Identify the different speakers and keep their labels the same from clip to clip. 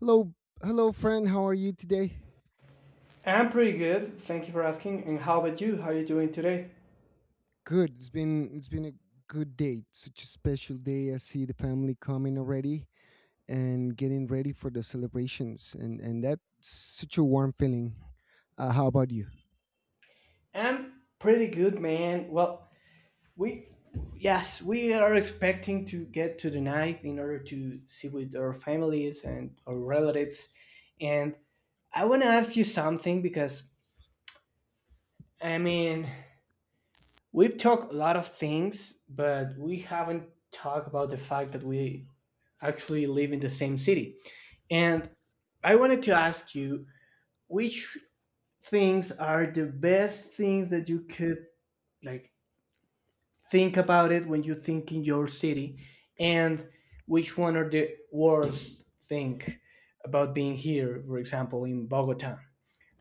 Speaker 1: Hello, hello, friend. How are you today?
Speaker 2: I'm pretty good. Thank you for asking. And how about you? How you doing today?
Speaker 1: Good. It's been a good day. Such a special day. I see the family coming already and getting ready for the celebrations, and that's such a warm feeling. How about you?
Speaker 2: I'm pretty good, man. Well, we yes, we are expecting to get to the night in order to see with our families and our relatives. And I want to ask you something because I mean, we've talked a lot of things, but we haven't talked about the fact that we actually live in the same city. And I wanted to ask you which things are the best things that you could like think about it when you think in your city and which one are the worst thing about being here, for example, in Bogota.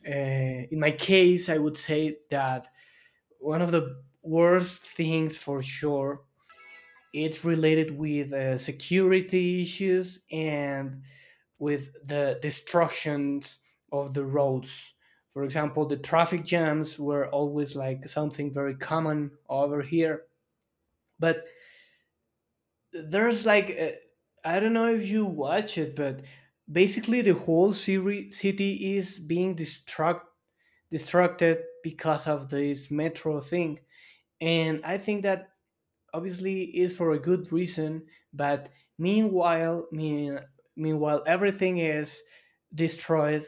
Speaker 2: uh, in my case, I would say that one of the worst things for sure, it's related with security issues and with the destructions of the roads. For example, the traffic jams were always like something very common over here. But there's like, I don't know if you watch it, but basically the whole city is being destructed because of this metro thing. And I think that obviously is for a good reason, but meanwhile mean, meanwhile everything is destroyed.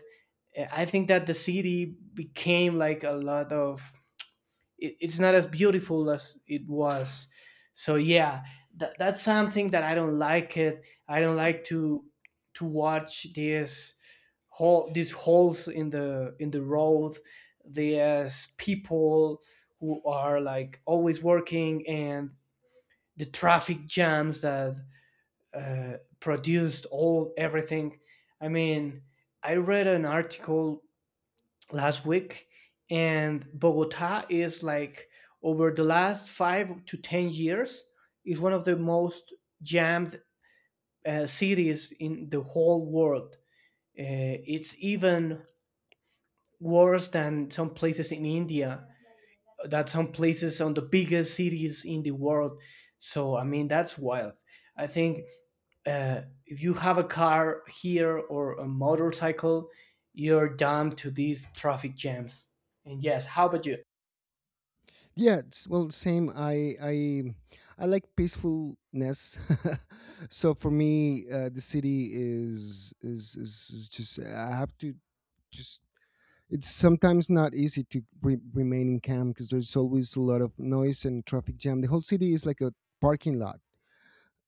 Speaker 2: I think that the city became like a lot of it's not as beautiful as it was. So yeah, that's something that I don't like it. I don't like to watch this hole these holes in the road. There's people who are like always working and the traffic jams that produced all everything. I mean, I read an article last week, and Bogota is like over the last 5 to 10 years is one of the most jammed cities in the whole world. Uh, it's even worse than some places in India, that some places on the biggest cities in the world. So I mean that's wild. I think if you have a car here or a motorcycle, you're damned to these traffic jams. And yes, how about you?
Speaker 1: Yeah. It's, well, same. I like peacefulness. So for me, the city is just. I have to just it's sometimes not easy to remain in camp because there's always a lot of noise and traffic jam. The whole city is like a parking lot.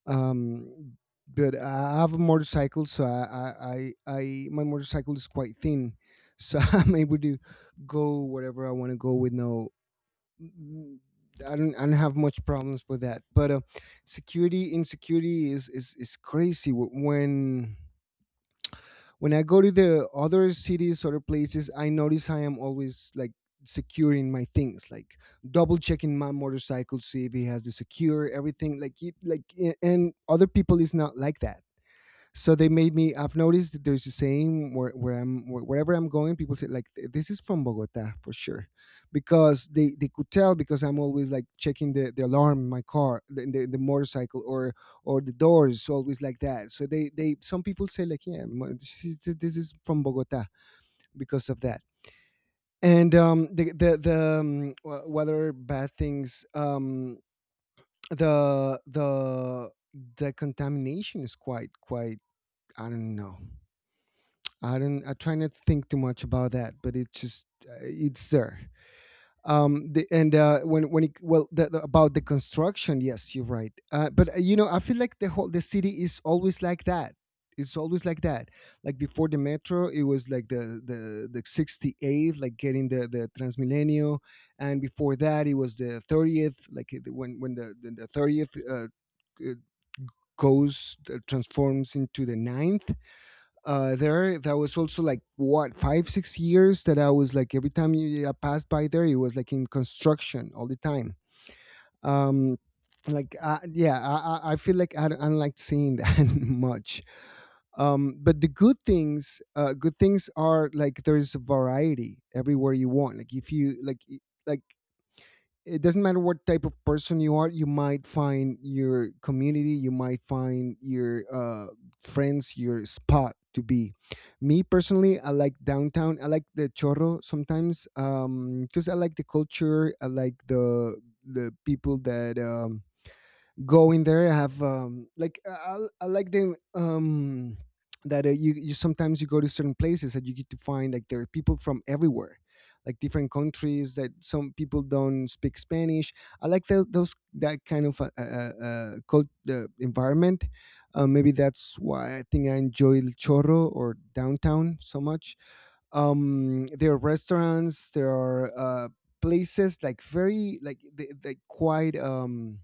Speaker 1: Um, but I have a motorcycle, so I my motorcycle is quite thin, so I'm able to go wherever I want to go with no. I don't have much problems with that. But security, insecurity is crazy when when I go to the other cities, other places, I notice I am always like securing my things, like double checking my motorcycle, see if it has the secure everything. Like, it, like, and other people is not like that, so they made me. I've noticed that there's a saying where, wherever I'm going people say like this is from Bogota for sure, because they could tell because I'm always like checking the alarm in my car, the motorcycle, or the doors, so always like that. So they some people say like, yeah, this is from Bogota because of that. And what other bad things? Um the the the contamination is quite I don't know. I don't. I try not to think too much about that, but it's just it's there. And when it, well the- about the construction, yes, you're right. But you know, I feel like the city is always like that. It's always like that. Like before the metro, it was like the 68th, like getting the Transmilenio, and before that, it was the 30th, like when the 30th uh, goes transforms into the ninth. There That was also like what, 5 6 years, that I was like every time you I passed by there, it was like in construction all the time. um yeah, I, I feel like I don't like seeing that much. Um, but the good things, good things are like there's variety everywhere you want. Like if you like like it doesn't matter what type of person you are, you might find your community, you might find your friends, your spot to be. Me personally, I like downtown, I like the Chorro sometimes, because I like the culture, I like the people that go in there. I have I like the that you, you sometimes you go to certain places that you get to find like there are people from everywhere, like different countries, that some people don't speak Spanish. I like those that kind of environment. Maybe that's why I think I enjoy El Chorro or downtown so much. Um, there are restaurants, there are places, like very like they, like quite um,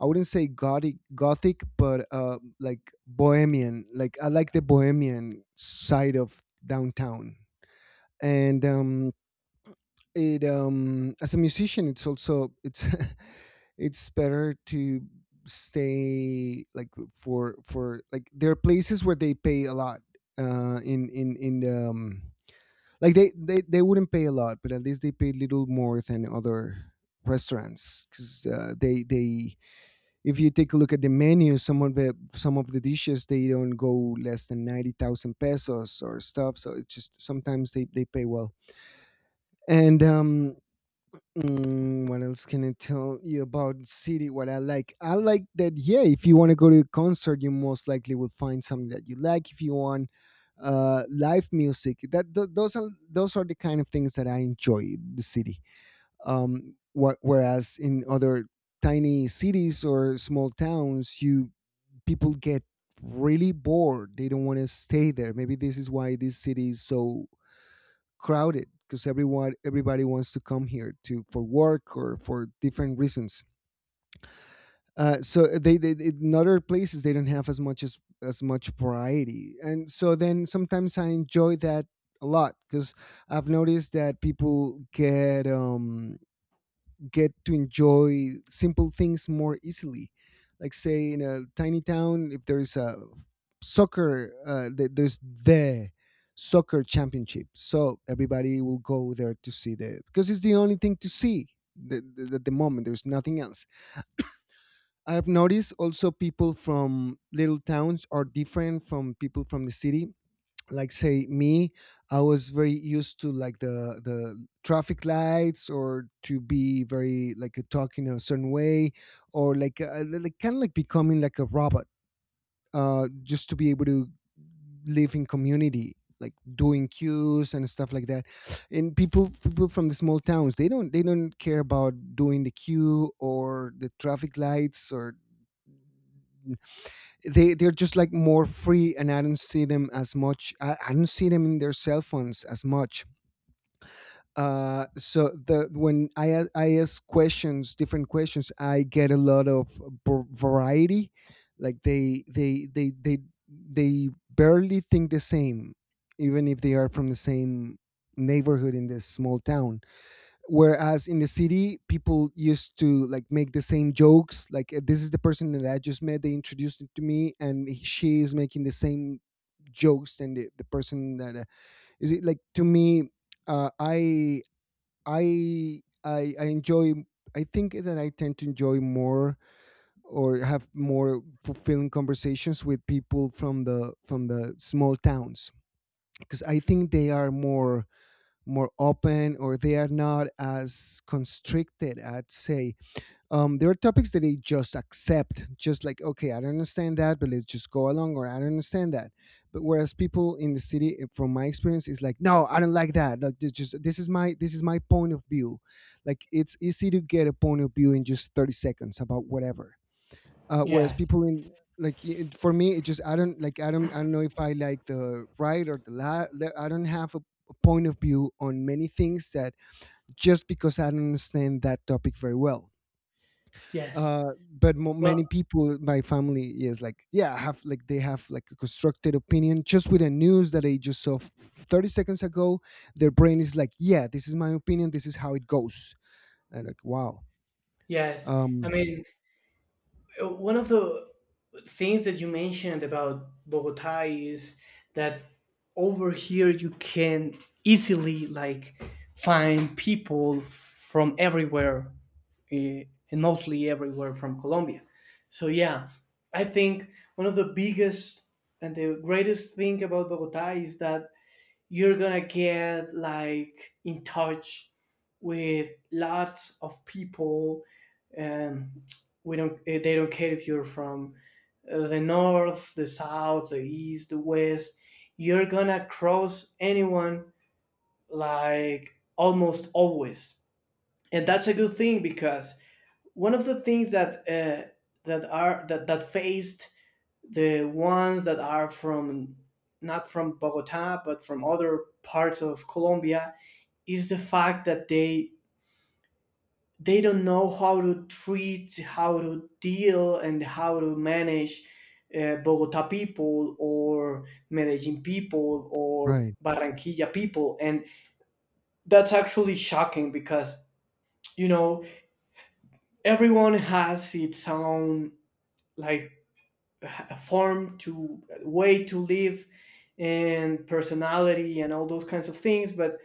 Speaker 1: I wouldn't say gothic, but like bohemian. Like I like the bohemian side of downtown, and it as a musician, it's it's better to stay like for like there are places where they pay a lot in the like they wouldn't pay a lot, but at least they pay little more than other restaurants because they if you take a look at the menu, some of the dishes they don't go less than 90,000 pesos or stuff. So it's just sometimes they pay well. And what else can I tell you about city? What I like that. Yeah, if you want to go to a concert, you most likely will find something that you like. If you want live music, those are the kind of things that I enjoy the city. Whereas in other tiny cities or small towns, you people get really bored. They don't want to stay there. Maybe this is why this city is so crowded because everyone everybody wants to come here to for work or for different reasons. So they in other places they don't have as much as much variety, and so then sometimes I enjoy that a lot because I've noticed that people get to enjoy simple things more easily. Like say in a tiny town, if there's a soccer, there's the soccer championship, so everybody will go there to see the because it's the only thing to see at the moment. There's nothing else. I've noticed also people from little towns are different from people from the city. Like say me, I was very used to like the traffic lights, or to be very like a talking a certain way, or like kind of like becoming like a robot, just to be able to live in community, like doing queues and stuff like that. And people from the small towns, they don't care about doing the queue or the traffic lights, or they're just like more free. And I don't see them as much. I don't see them in their cell phones as much. So the When I ask questions, different questions, I get a lot of variety. Like they they barely think the same, even if they are from the same neighborhood in this small town. Whereas in the city, people used to like make the same jokes. Like this is the person that I just met, they introduced it to me, and she is making the same jokes. And the person that is it like to me, uh, i I enjoy. I think that I tend to enjoy more or have more fulfilling conversations with people from the small towns, because I think they are more open, or they are not as constricted, I'd say. Um, there are topics that they just accept, just like, okay, I don't understand that, but let's just go along, or I don't understand that. But whereas people in the city, from my experience, is like, no, I don't like that. Like, this is my point of view. Like, it's easy to get a point of view in just 30 seconds about whatever. Whereas
Speaker 2: Yes,
Speaker 1: people in Like for me, it just I don't like, I don't, I don't know if I like the right or the left. I don't have a point of view on many things, that just because I don't understand that topic very well.
Speaker 2: yes.
Speaker 1: Uh but
Speaker 2: Well,
Speaker 1: many people, my family is like, yeah, have like they have like a constructed opinion just with the news that they just saw 30 seconds ago. Their brain is like, yeah, this is my opinion, this is how it goes. And like, wow.
Speaker 2: yes. I
Speaker 1: Um,
Speaker 2: mean, one of the things that you mentioned about Bogota is that over here you can easily like find people from everywhere, eh, and mostly everywhere from Colombia. So yeah, I think one of the biggest and the greatest thing about Bogota is that you're gonna get like in touch with lots of people. Um, we don't eh, they don't care if you're from the north, the south, the east, the west. You're gonna cross anyone like almost always, and that's a good thing because one of the things that that faced the ones that are from, not from Bogota but from other parts of Colombia, is the fact that they don't know how to treat, how to deal, and how to manage Bogota people or Medellin people or
Speaker 1: right.
Speaker 2: Barranquilla people. And that's actually shocking because, you know, everyone has its own, like, a form, to a way to live and personality and all those kinds of things. But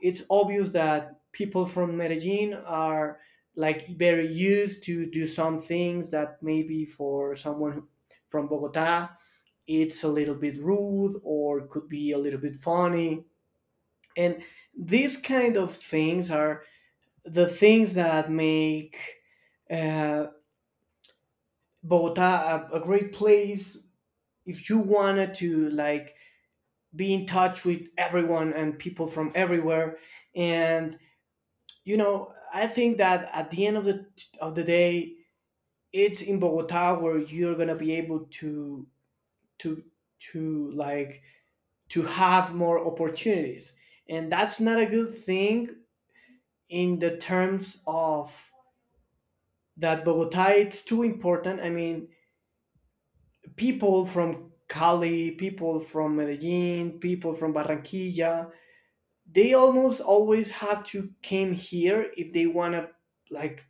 Speaker 2: it's obvious that people from Medellin are like very used to do some things that maybe for someone from Bogota it's a little bit rude or could be a little bit funny. And these kind of things are the things that make uh, Bogota a great place if you wanted to like be in touch with everyone and people from everywhere. And you know, I think that at the end of the day, it's in Bogota where you're going to be able to to to like to have more opportunities. And that's not a good thing in the terms of that Bogota, it's too important. I mean, people from Cali, people from Medellin, people from Barranquilla, they almost always have to came here if they want to like,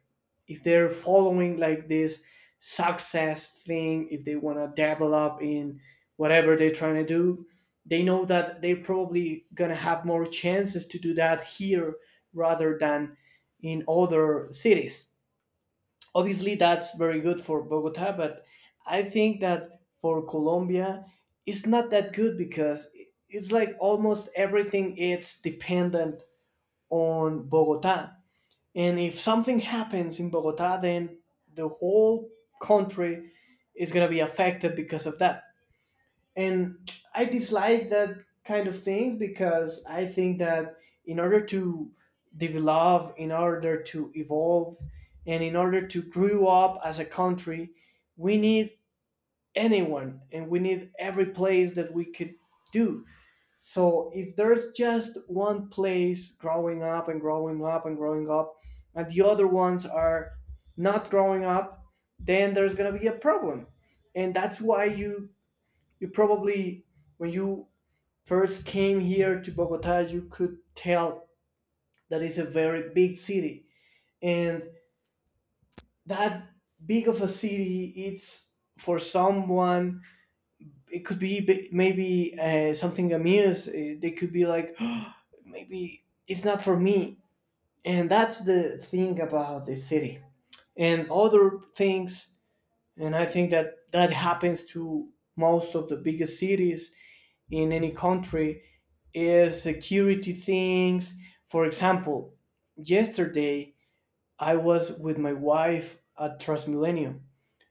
Speaker 2: if they're following like this success thing, if they want to develop in whatever they're trying to do. They know that they're probably gonna have more chances to do that here rather than in other cities. Obviously that's very good for Bogota, but I think that for Colombia it's not that good because it's like almost everything it's dependent on Bogota. And if something happens in Bogota, then the whole country is going to be affected because of that. And I dislike that kind of things because I think that in order to develop, in order to evolve, and in order to grow up as a country, we need anyone and we need every place that we could do. So if there's just one place growing up and growing up and growing up, and the other ones are not growing up, then there's gonna be a problem. And that's why you probably, when you first came here to Bogota, you could tell that it's a very big city. And that big of a city, it's for someone it could be maybe something amuse. They could be like, "Oh, maybe it's not for me." And that's the thing about the city and other things. And I think that that happens to most of the biggest cities in any country is security things. For example, yesterday I was with my wife at Transmilenio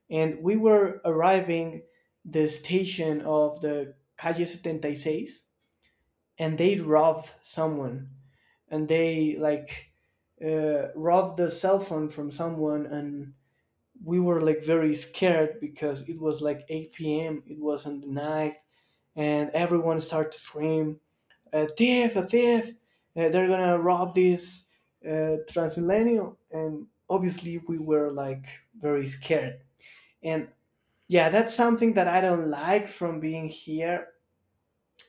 Speaker 2: and we were arriving the station of the Calle 76 and they robbed someone and they like robbed the cell phone from someone. And we were like very scared because it was like 8 p.m. it was on the night, and everyone started to scream, "A thief, a thief! They're gonna rob this transmillennial." And obviously we were like very scared. And yeah, that's something that I don't like from being here.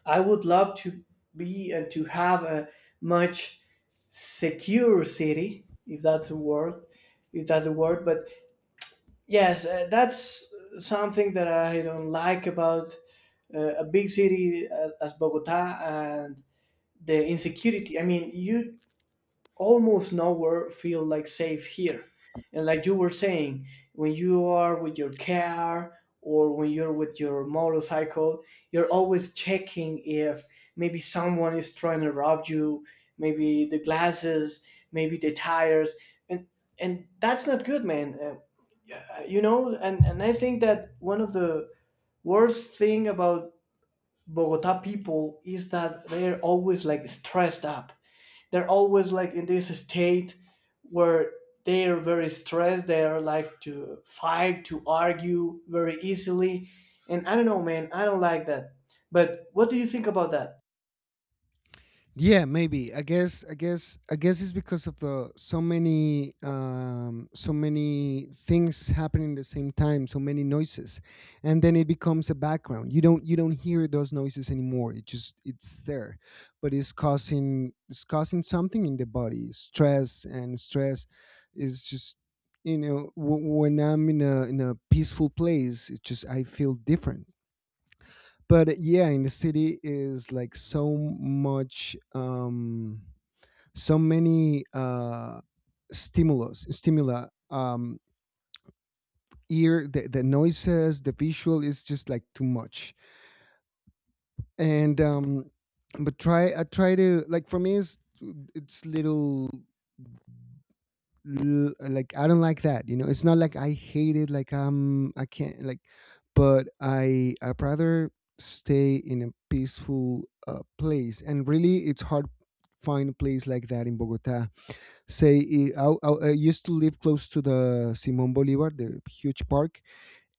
Speaker 2: I would love to be and to have a much secure city, if that's a word, if that's a word. But yes, that's something that I don't like about a big city as Bogota, and the insecurity. I mean, you almost nowhere feel like safe here. And like you were saying, when you are with your car or when you're with your motorcycle, you're always checking if maybe someone is trying to rob you, maybe the glasses, maybe the tires. And that's not good, man. Yeah, you know, and I think that one of the worst thing about Bogota people is that they're always like stressed up. They're always like in this state where they are very stressed, they are like to fight, to argue very easily. And I don't know, man, I don't like that. But what do you think about that?
Speaker 1: Yeah, maybe. I guess. I guess. I guess it's because of the so many, so many things happening at the same time, so many noises, and then it becomes a background. You don't. You don't hear those noises anymore. It just. It's there, but it's causing. It's causing something in the body. Stress and stress is just. You know, when I'm in a peaceful place, it's just I feel different. But yeah, in the city is like so much so many stimulus, stimula, ear, the noises, the visual, is just like too much. And but try, I try to like, for me it's little, like I don't like that. You know, it's not like I hate it. Like I'm, I can't like, but I would rather stay in a peaceful place. And really, it's hard find a place like that in Bogota. Say I, I used to live close to the Simon Bolivar, the huge park,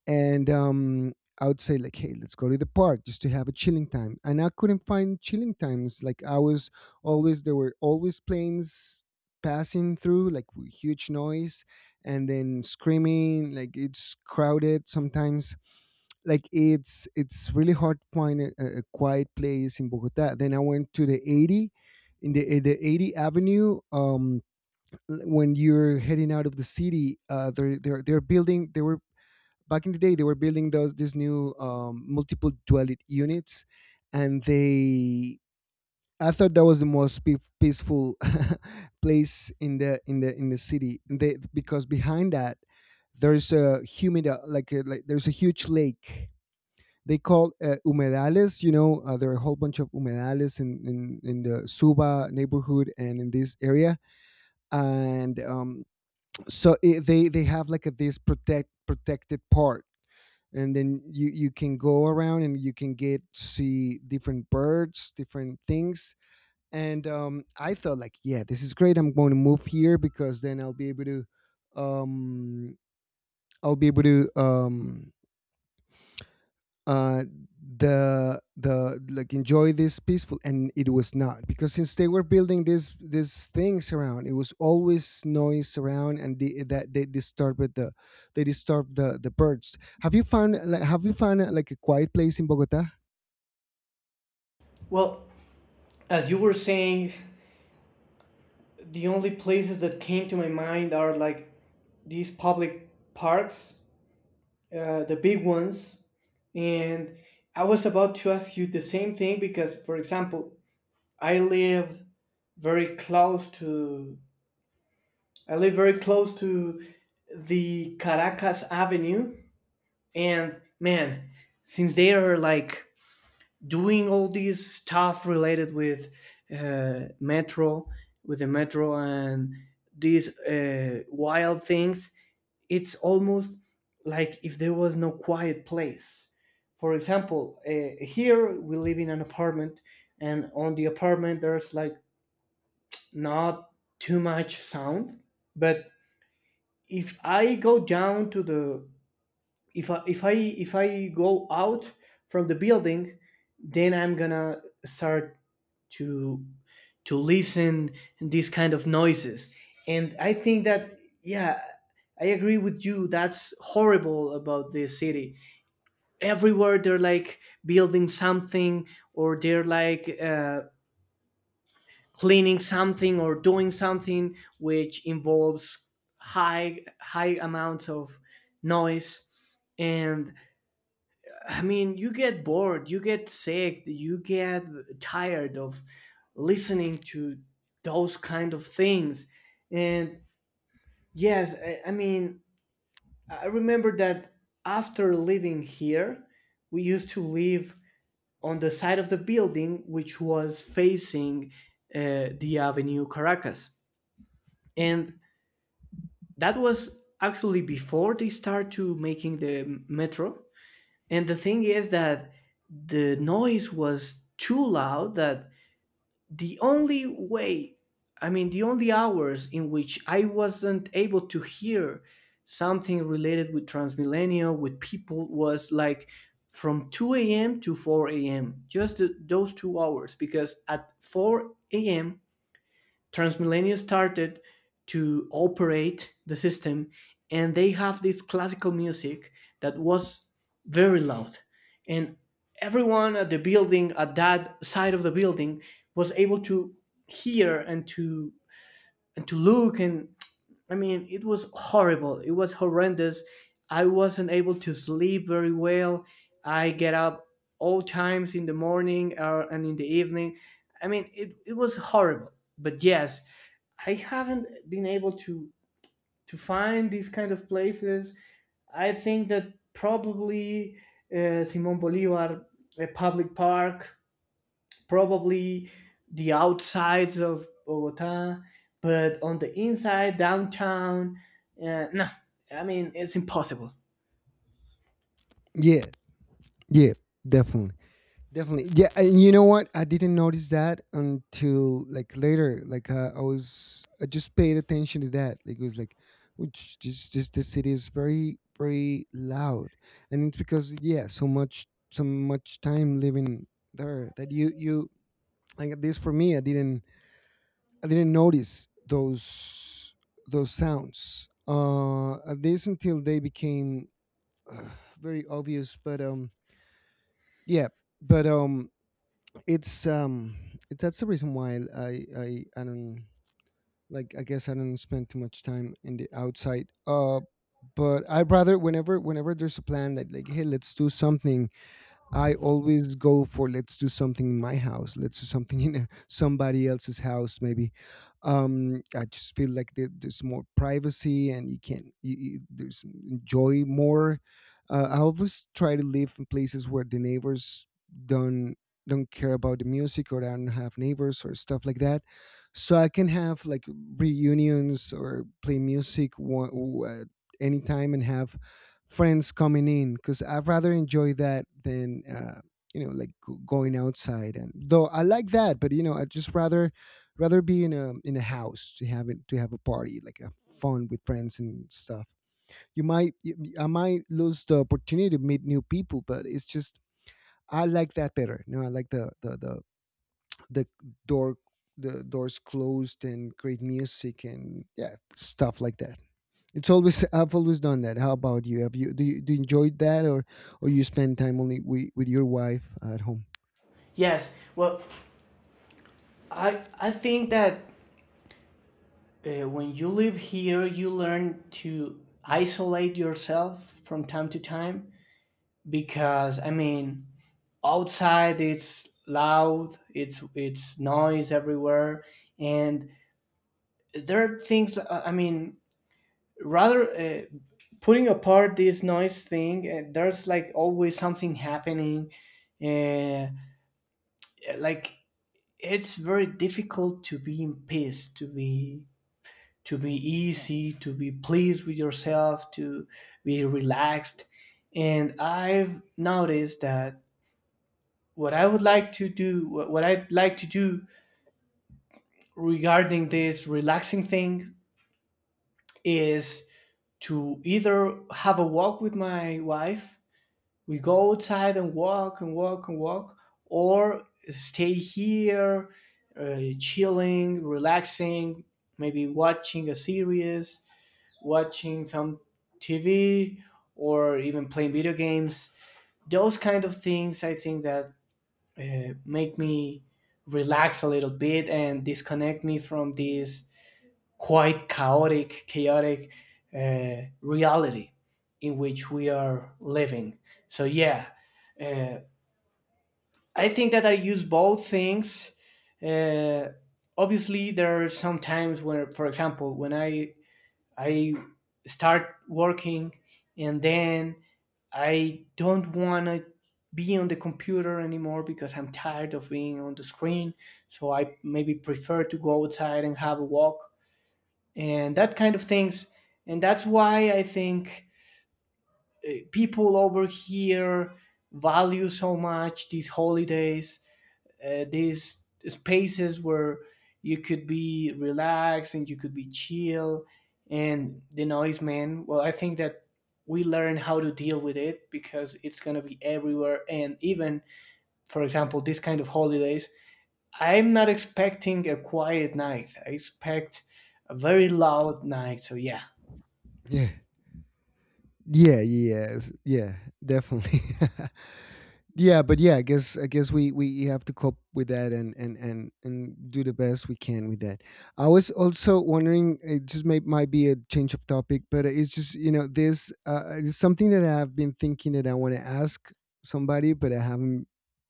Speaker 1: and I would say like, hey, let's go to the park just to have a chilling time. And I couldn't find chilling times. Like I was always there were always planes passing through, like with huge noise, and then screaming. Like it's crowded sometimes. Like it's really hard to find a quiet place in Bogota. Then I went to the 80, in the 80 Avenue. When you're heading out of the city, they're building. They were back in the day they were building those these new multiple dwelling units, and they I thought that was the most peaceful place in the city. And they, because behind that there's a humid, like, like, there's a huge lake they call, humedales, there are a whole bunch of humedales in, the Suba neighborhood and in this area. And So they have like this protected part. And then you can go around, and you can get see different birds, different things. And I thought, like, yeah, this is great, I'm going to move here because then I'll be able to um i'll be able to um uh, the like, enjoy this peaceful. And it was not, because since they were building these things around, it was always noise around. And that they disturbed the... the birds. Have you found, like, a quiet place in Bogota?
Speaker 2: Well, as you were saying, the only places that came to my mind are like these public parks, the big ones. And I was about to ask you the same thing because, for example, i live very close to I live very close to the Caracas Avenue. And man, since they are like doing all this stuff related with uh, metro, the metro and these wild things, it's almost like if there was no quiet place. For example, here we live in an apartment, and on the apartment there's like not too much sound. But if I go down to the if I go out from the building, then I'm gonna start to listen these kind of noises. And I think that yeah, I agree with you. That's horrible about this city. Everywhere they're like building something or they're like cleaning something or doing something which involves high amounts of noise. And I mean you get bored, you get sick, you get tired of listening to those kind of things. And yes, I mean I remember that after living here, we used to live on the side of the building which was facing the Avenue Caracas. And that was actually before they start to making the metro. And the thing is that the noise was too loud that the only way, I mean, the only hours in which I wasn't able to hear something related with Transmilenio with people was like from 2 a.m. to 4 a.m., just those 2 hours. Because at 4 a.m. Transmillennial started to operate the system, and they have this classical music that was very loud. And everyone at the building at that side of the building was able to hear and to look. And I mean it was horrible. It was horrendous. I wasn't able to sleep very well. I get up all times in the morning, and in the evening. I mean, it was horrible. But yes, I haven't been able to find these kind of places. I think that probably Simon Bolivar, a public park, probably the outsides of Bogota, but on the inside, downtown, no, I mean it's impossible.
Speaker 1: Yeah, yeah, definitely. Definitely. Yeah, and you know what? I didn't notice that until, like, later. I just paid attention to that. Like, it was like, which just the city is very, very loud, and it's because, yeah, so much time living there that you, like, at least for me, I didn't... notice those sounds. At least until they became, uh, very obvious. But yeah. but it's um that's the reason why I don't, like, I guess I don't spend too much time in the outside. But I'd rather, whenever there's a plan that, like, hey, let's do something, I always go for, let's do something in my house. Let's do something in somebody else's house, maybe. I just feel like there's more privacy, and you, there's enjoy more. I always try to live in places where the neighbors don't don't care about the music, or don't have neighbors, or stuff like that, so I can have, like, reunions, or play music anytime, and have friends coming in, because I rather enjoy that than like, going outside. And though I like that, but you know I just rather be in a house to have it, to have a party, like a fun with friends and stuff. You might y- y- I might lose the opportunity to meet new people, but it's just, I like that better. You know I like the door the doors closed, and great music, and yeah, stuff like that. It's always I've always done that. How about you? Have you Do you enjoy that, or you spend time only with, your wife at home?
Speaker 2: Yes, well, I think that when you live here, you learn to isolate yourself from time to time because I mean outside it's loud, it's noise everywhere, and there are things. I mean, rather putting apart this noise thing, there's like always something happening, uh, like it's very difficult to be in peace, to be easy, to be pleased with yourself, to be relaxed. And I've noticed that what I would like to do, what I'd like to do regarding this relaxing thing is to either have a walk with my wife. We go outside and walk and walk and walk, or stay here chilling, relaxing, maybe watching a series, watching some TV, or even playing video games. Those kind of things, I think that make me relax a little bit and disconnect me from this quite chaotic reality in which we are living. So yeah, uh, I think that I use both things. Uh, Obviously, there are some times where, for example, when I start working and then I don't want to be on the computer anymore because I'm tired of being on the screen. So I maybe prefer to go outside and have a walk and that kind of things. And that's why I think people over here value so much these holidays, these spaces where you could be relaxed and you could be chill. And the noise, man, well, I think that we learn how to deal with it because it's going to be everywhere. And even, for example, this kind of holidays, I'm not expecting a quiet night. I expect a very loud night. So yeah,
Speaker 1: Yeah. Yeah, yes, yeah, definitely. Yeah, but yeah, I guess we have to cope with that, and do the best we can with that. I was also wondering, it just might be a change of topic, but it's just you know this, it's something that I've been thinking that I want to ask somebody, but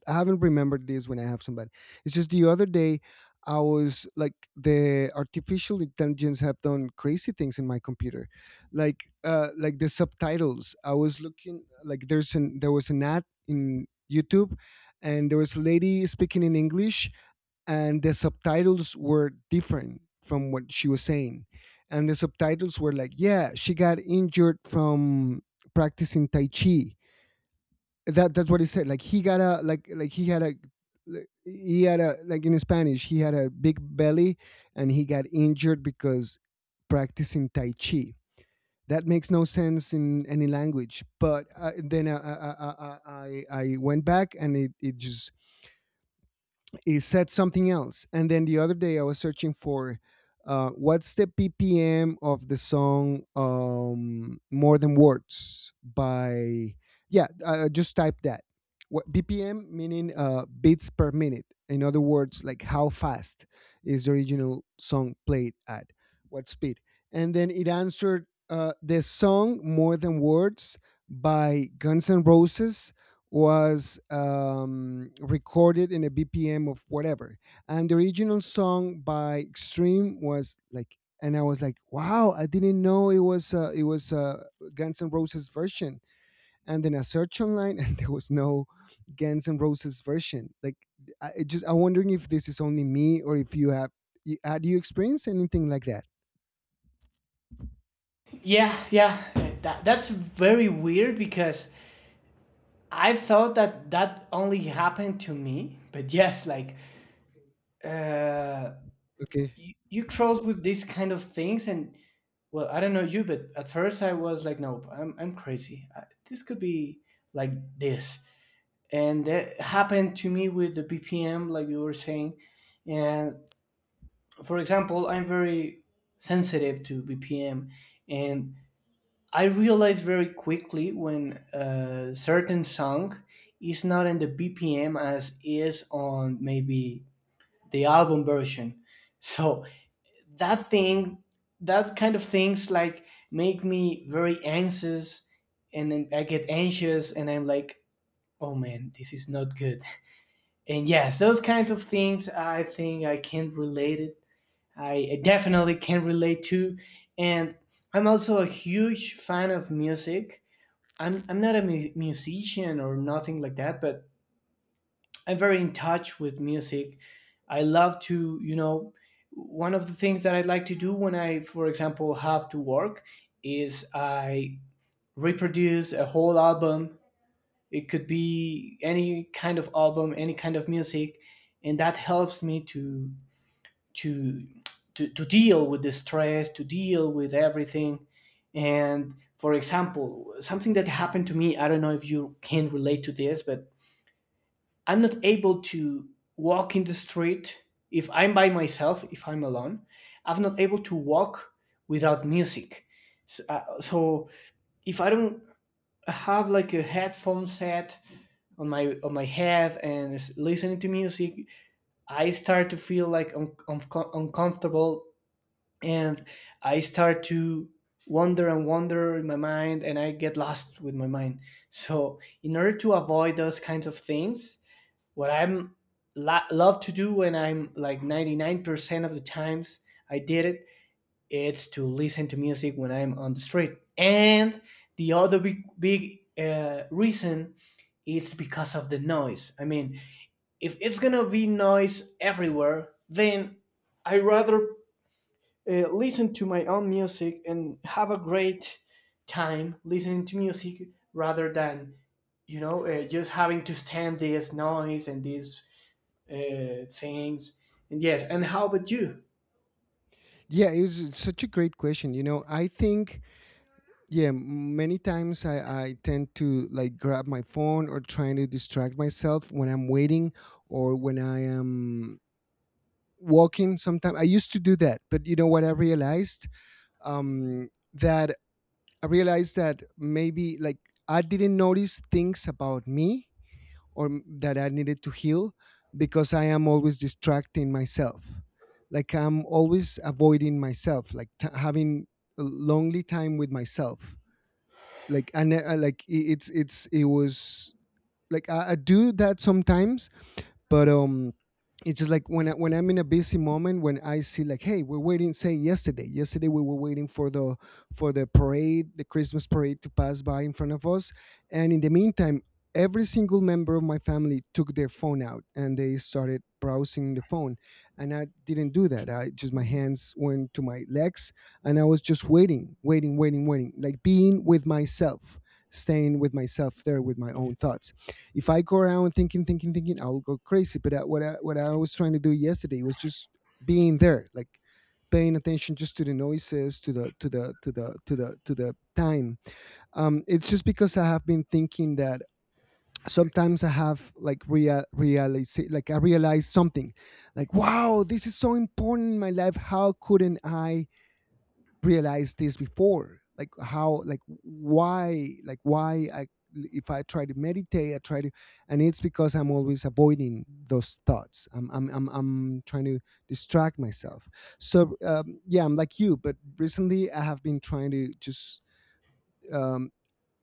Speaker 1: I haven't remembered this when I have somebody. It's just the other day I was like, the artificial intelligence have done crazy things in my computer, like the subtitles. I was looking, like, there was an ad in YouTube, and there was a lady speaking in English, and the subtitles were different from what she was saying. And the subtitles were like, yeah, she got injured from practicing Tai Chi. That's what he said. Like, he got a, like, he had a, like, he had a, like, in Spanish, he had a big belly, and he got injured because practicing Tai Chi. That makes no sense in any language. But then I went back, and it just... it said something else. And then the other day I was searching for, what's the BPM of the song, More Than Words by, yeah, just type that. What BPM meaning, beats per minute. In other words, like, how fast is the original song played at? What speed? And then it answered, the song More Than Words by Guns N' Roses was, recorded in a BPM of whatever. And the original song by Extreme was like, and I was like, wow, I didn't know it was Guns N' Roses version. And then I searched online, and there was no Guns N' Roses version. Like, I it just I'm wondering if this is only me, or if you have... had you experienced anything like that?
Speaker 2: yeah, yeah, that's very weird because I thought that that only happened to me. But yes, like, uh
Speaker 1: Okay.
Speaker 2: you, you cross with these kind of things. And well, I don't know you, but at first I was like, nope, I'm crazy. I, this could be like this. And that happened to me with the BPM, like you were saying. And for example, I'm very sensitive to BPM. And I realized very quickly when a certain song is not in the BPM as is on maybe the album version so that thing, that kind of things, like, make me very anxious. And then I get anxious and I'm like, oh man, this is not good. And yes, those kinds of things, I think I can relate it, I definitely can relate to. And I'm also a huge fan of music. I'm not a musician or nothing like that, but I'm very in touch with music. I love to, you know, one of the things that I like to do when I, for example, have to work is I reproduce a whole album. It could be any kind of album, any kind of music, and that helps me to to deal with the stress, to deal with everything. And for example, something that happened to me, I don't know if you can relate to this, but I'm not able to walk in the street if I'm by myself, if I'm alone. I'm not able to walk without music. So, so if I don't have like a headphone set on my head and is listening to music, I start to feel like uncomfortable. And I start to wander and wander in my mind, and I get lost with my mind. So in order to avoid those kinds of things, what I'm love to do when I'm like 99% of the times I did it, it's to listen to music when I'm on the street. And the other big, big reason is because of the noise. I mean, if it's gonna be noise everywhere, then I rather listen to my own music and have a great time listening to music rather than just having to stand this noise and this things. And yes, and how about you?
Speaker 1: Yeah, it was such a great question. You know, I think, yeah, many times I tend to, like, grab my phone, or trying to distract myself when I'm waiting, or when I am walking. Sometimes I used to do that, but you know what I realized, that I realized that, maybe, like, I didn't notice things about me, or that I needed to heal, because I am always distracting myself, like, I'm always avoiding myself, like, having a lonely time with myself. Like, and like, it's... it was like, I do that sometimes. But it's just, like, when when I'm in a busy moment, when I see like, hey, we're waiting. Say, yesterday, we were waiting for the parade, the Christmas parade, to pass by in front of us. And in the meantime, every single member of my family took their phone out, and they started browsing the phone. And I didn't do that. I just, my hands went to my legs, and I was just waiting, waiting, waiting, waiting, like, being with myself, staying with myself there with my own thoughts. If I go around thinking, thinking, thinking, I'll go crazy. But what I was trying to do yesterday was just being there, like, paying attention just to the noises, to the time. It's just because I have been thinking that sometimes I have, like, realize, like, I realize something, like, wow, this is so important in my life. How couldn't I realized this before? Like, how, like, why, like, why, I, if I try to meditate, I try to... And it's because I'm always avoiding those thoughts. I'm trying to distract myself. So yeah, I'm like you, but recently I have been trying to just, um,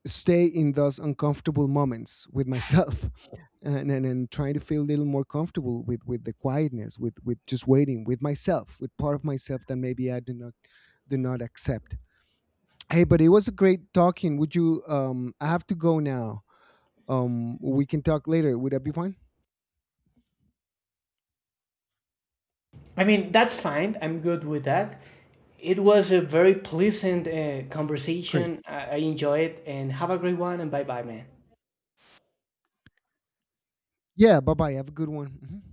Speaker 1: stay in those uncomfortable moments with myself and, and trying to feel a little more comfortable with the quietness, with just waiting with myself, with part of myself that maybe I do not... accept. Hey, but it was a great talking. Would you? I have to go now. We can talk later. Would that be fine?
Speaker 2: I mean, that's fine. I'm good with that. It was a very pleasant
Speaker 1: Great.
Speaker 2: conversation. I enjoy it, and have a great one. And bye bye, man.
Speaker 1: Yeah. Bye bye. Have a good one. Mhm.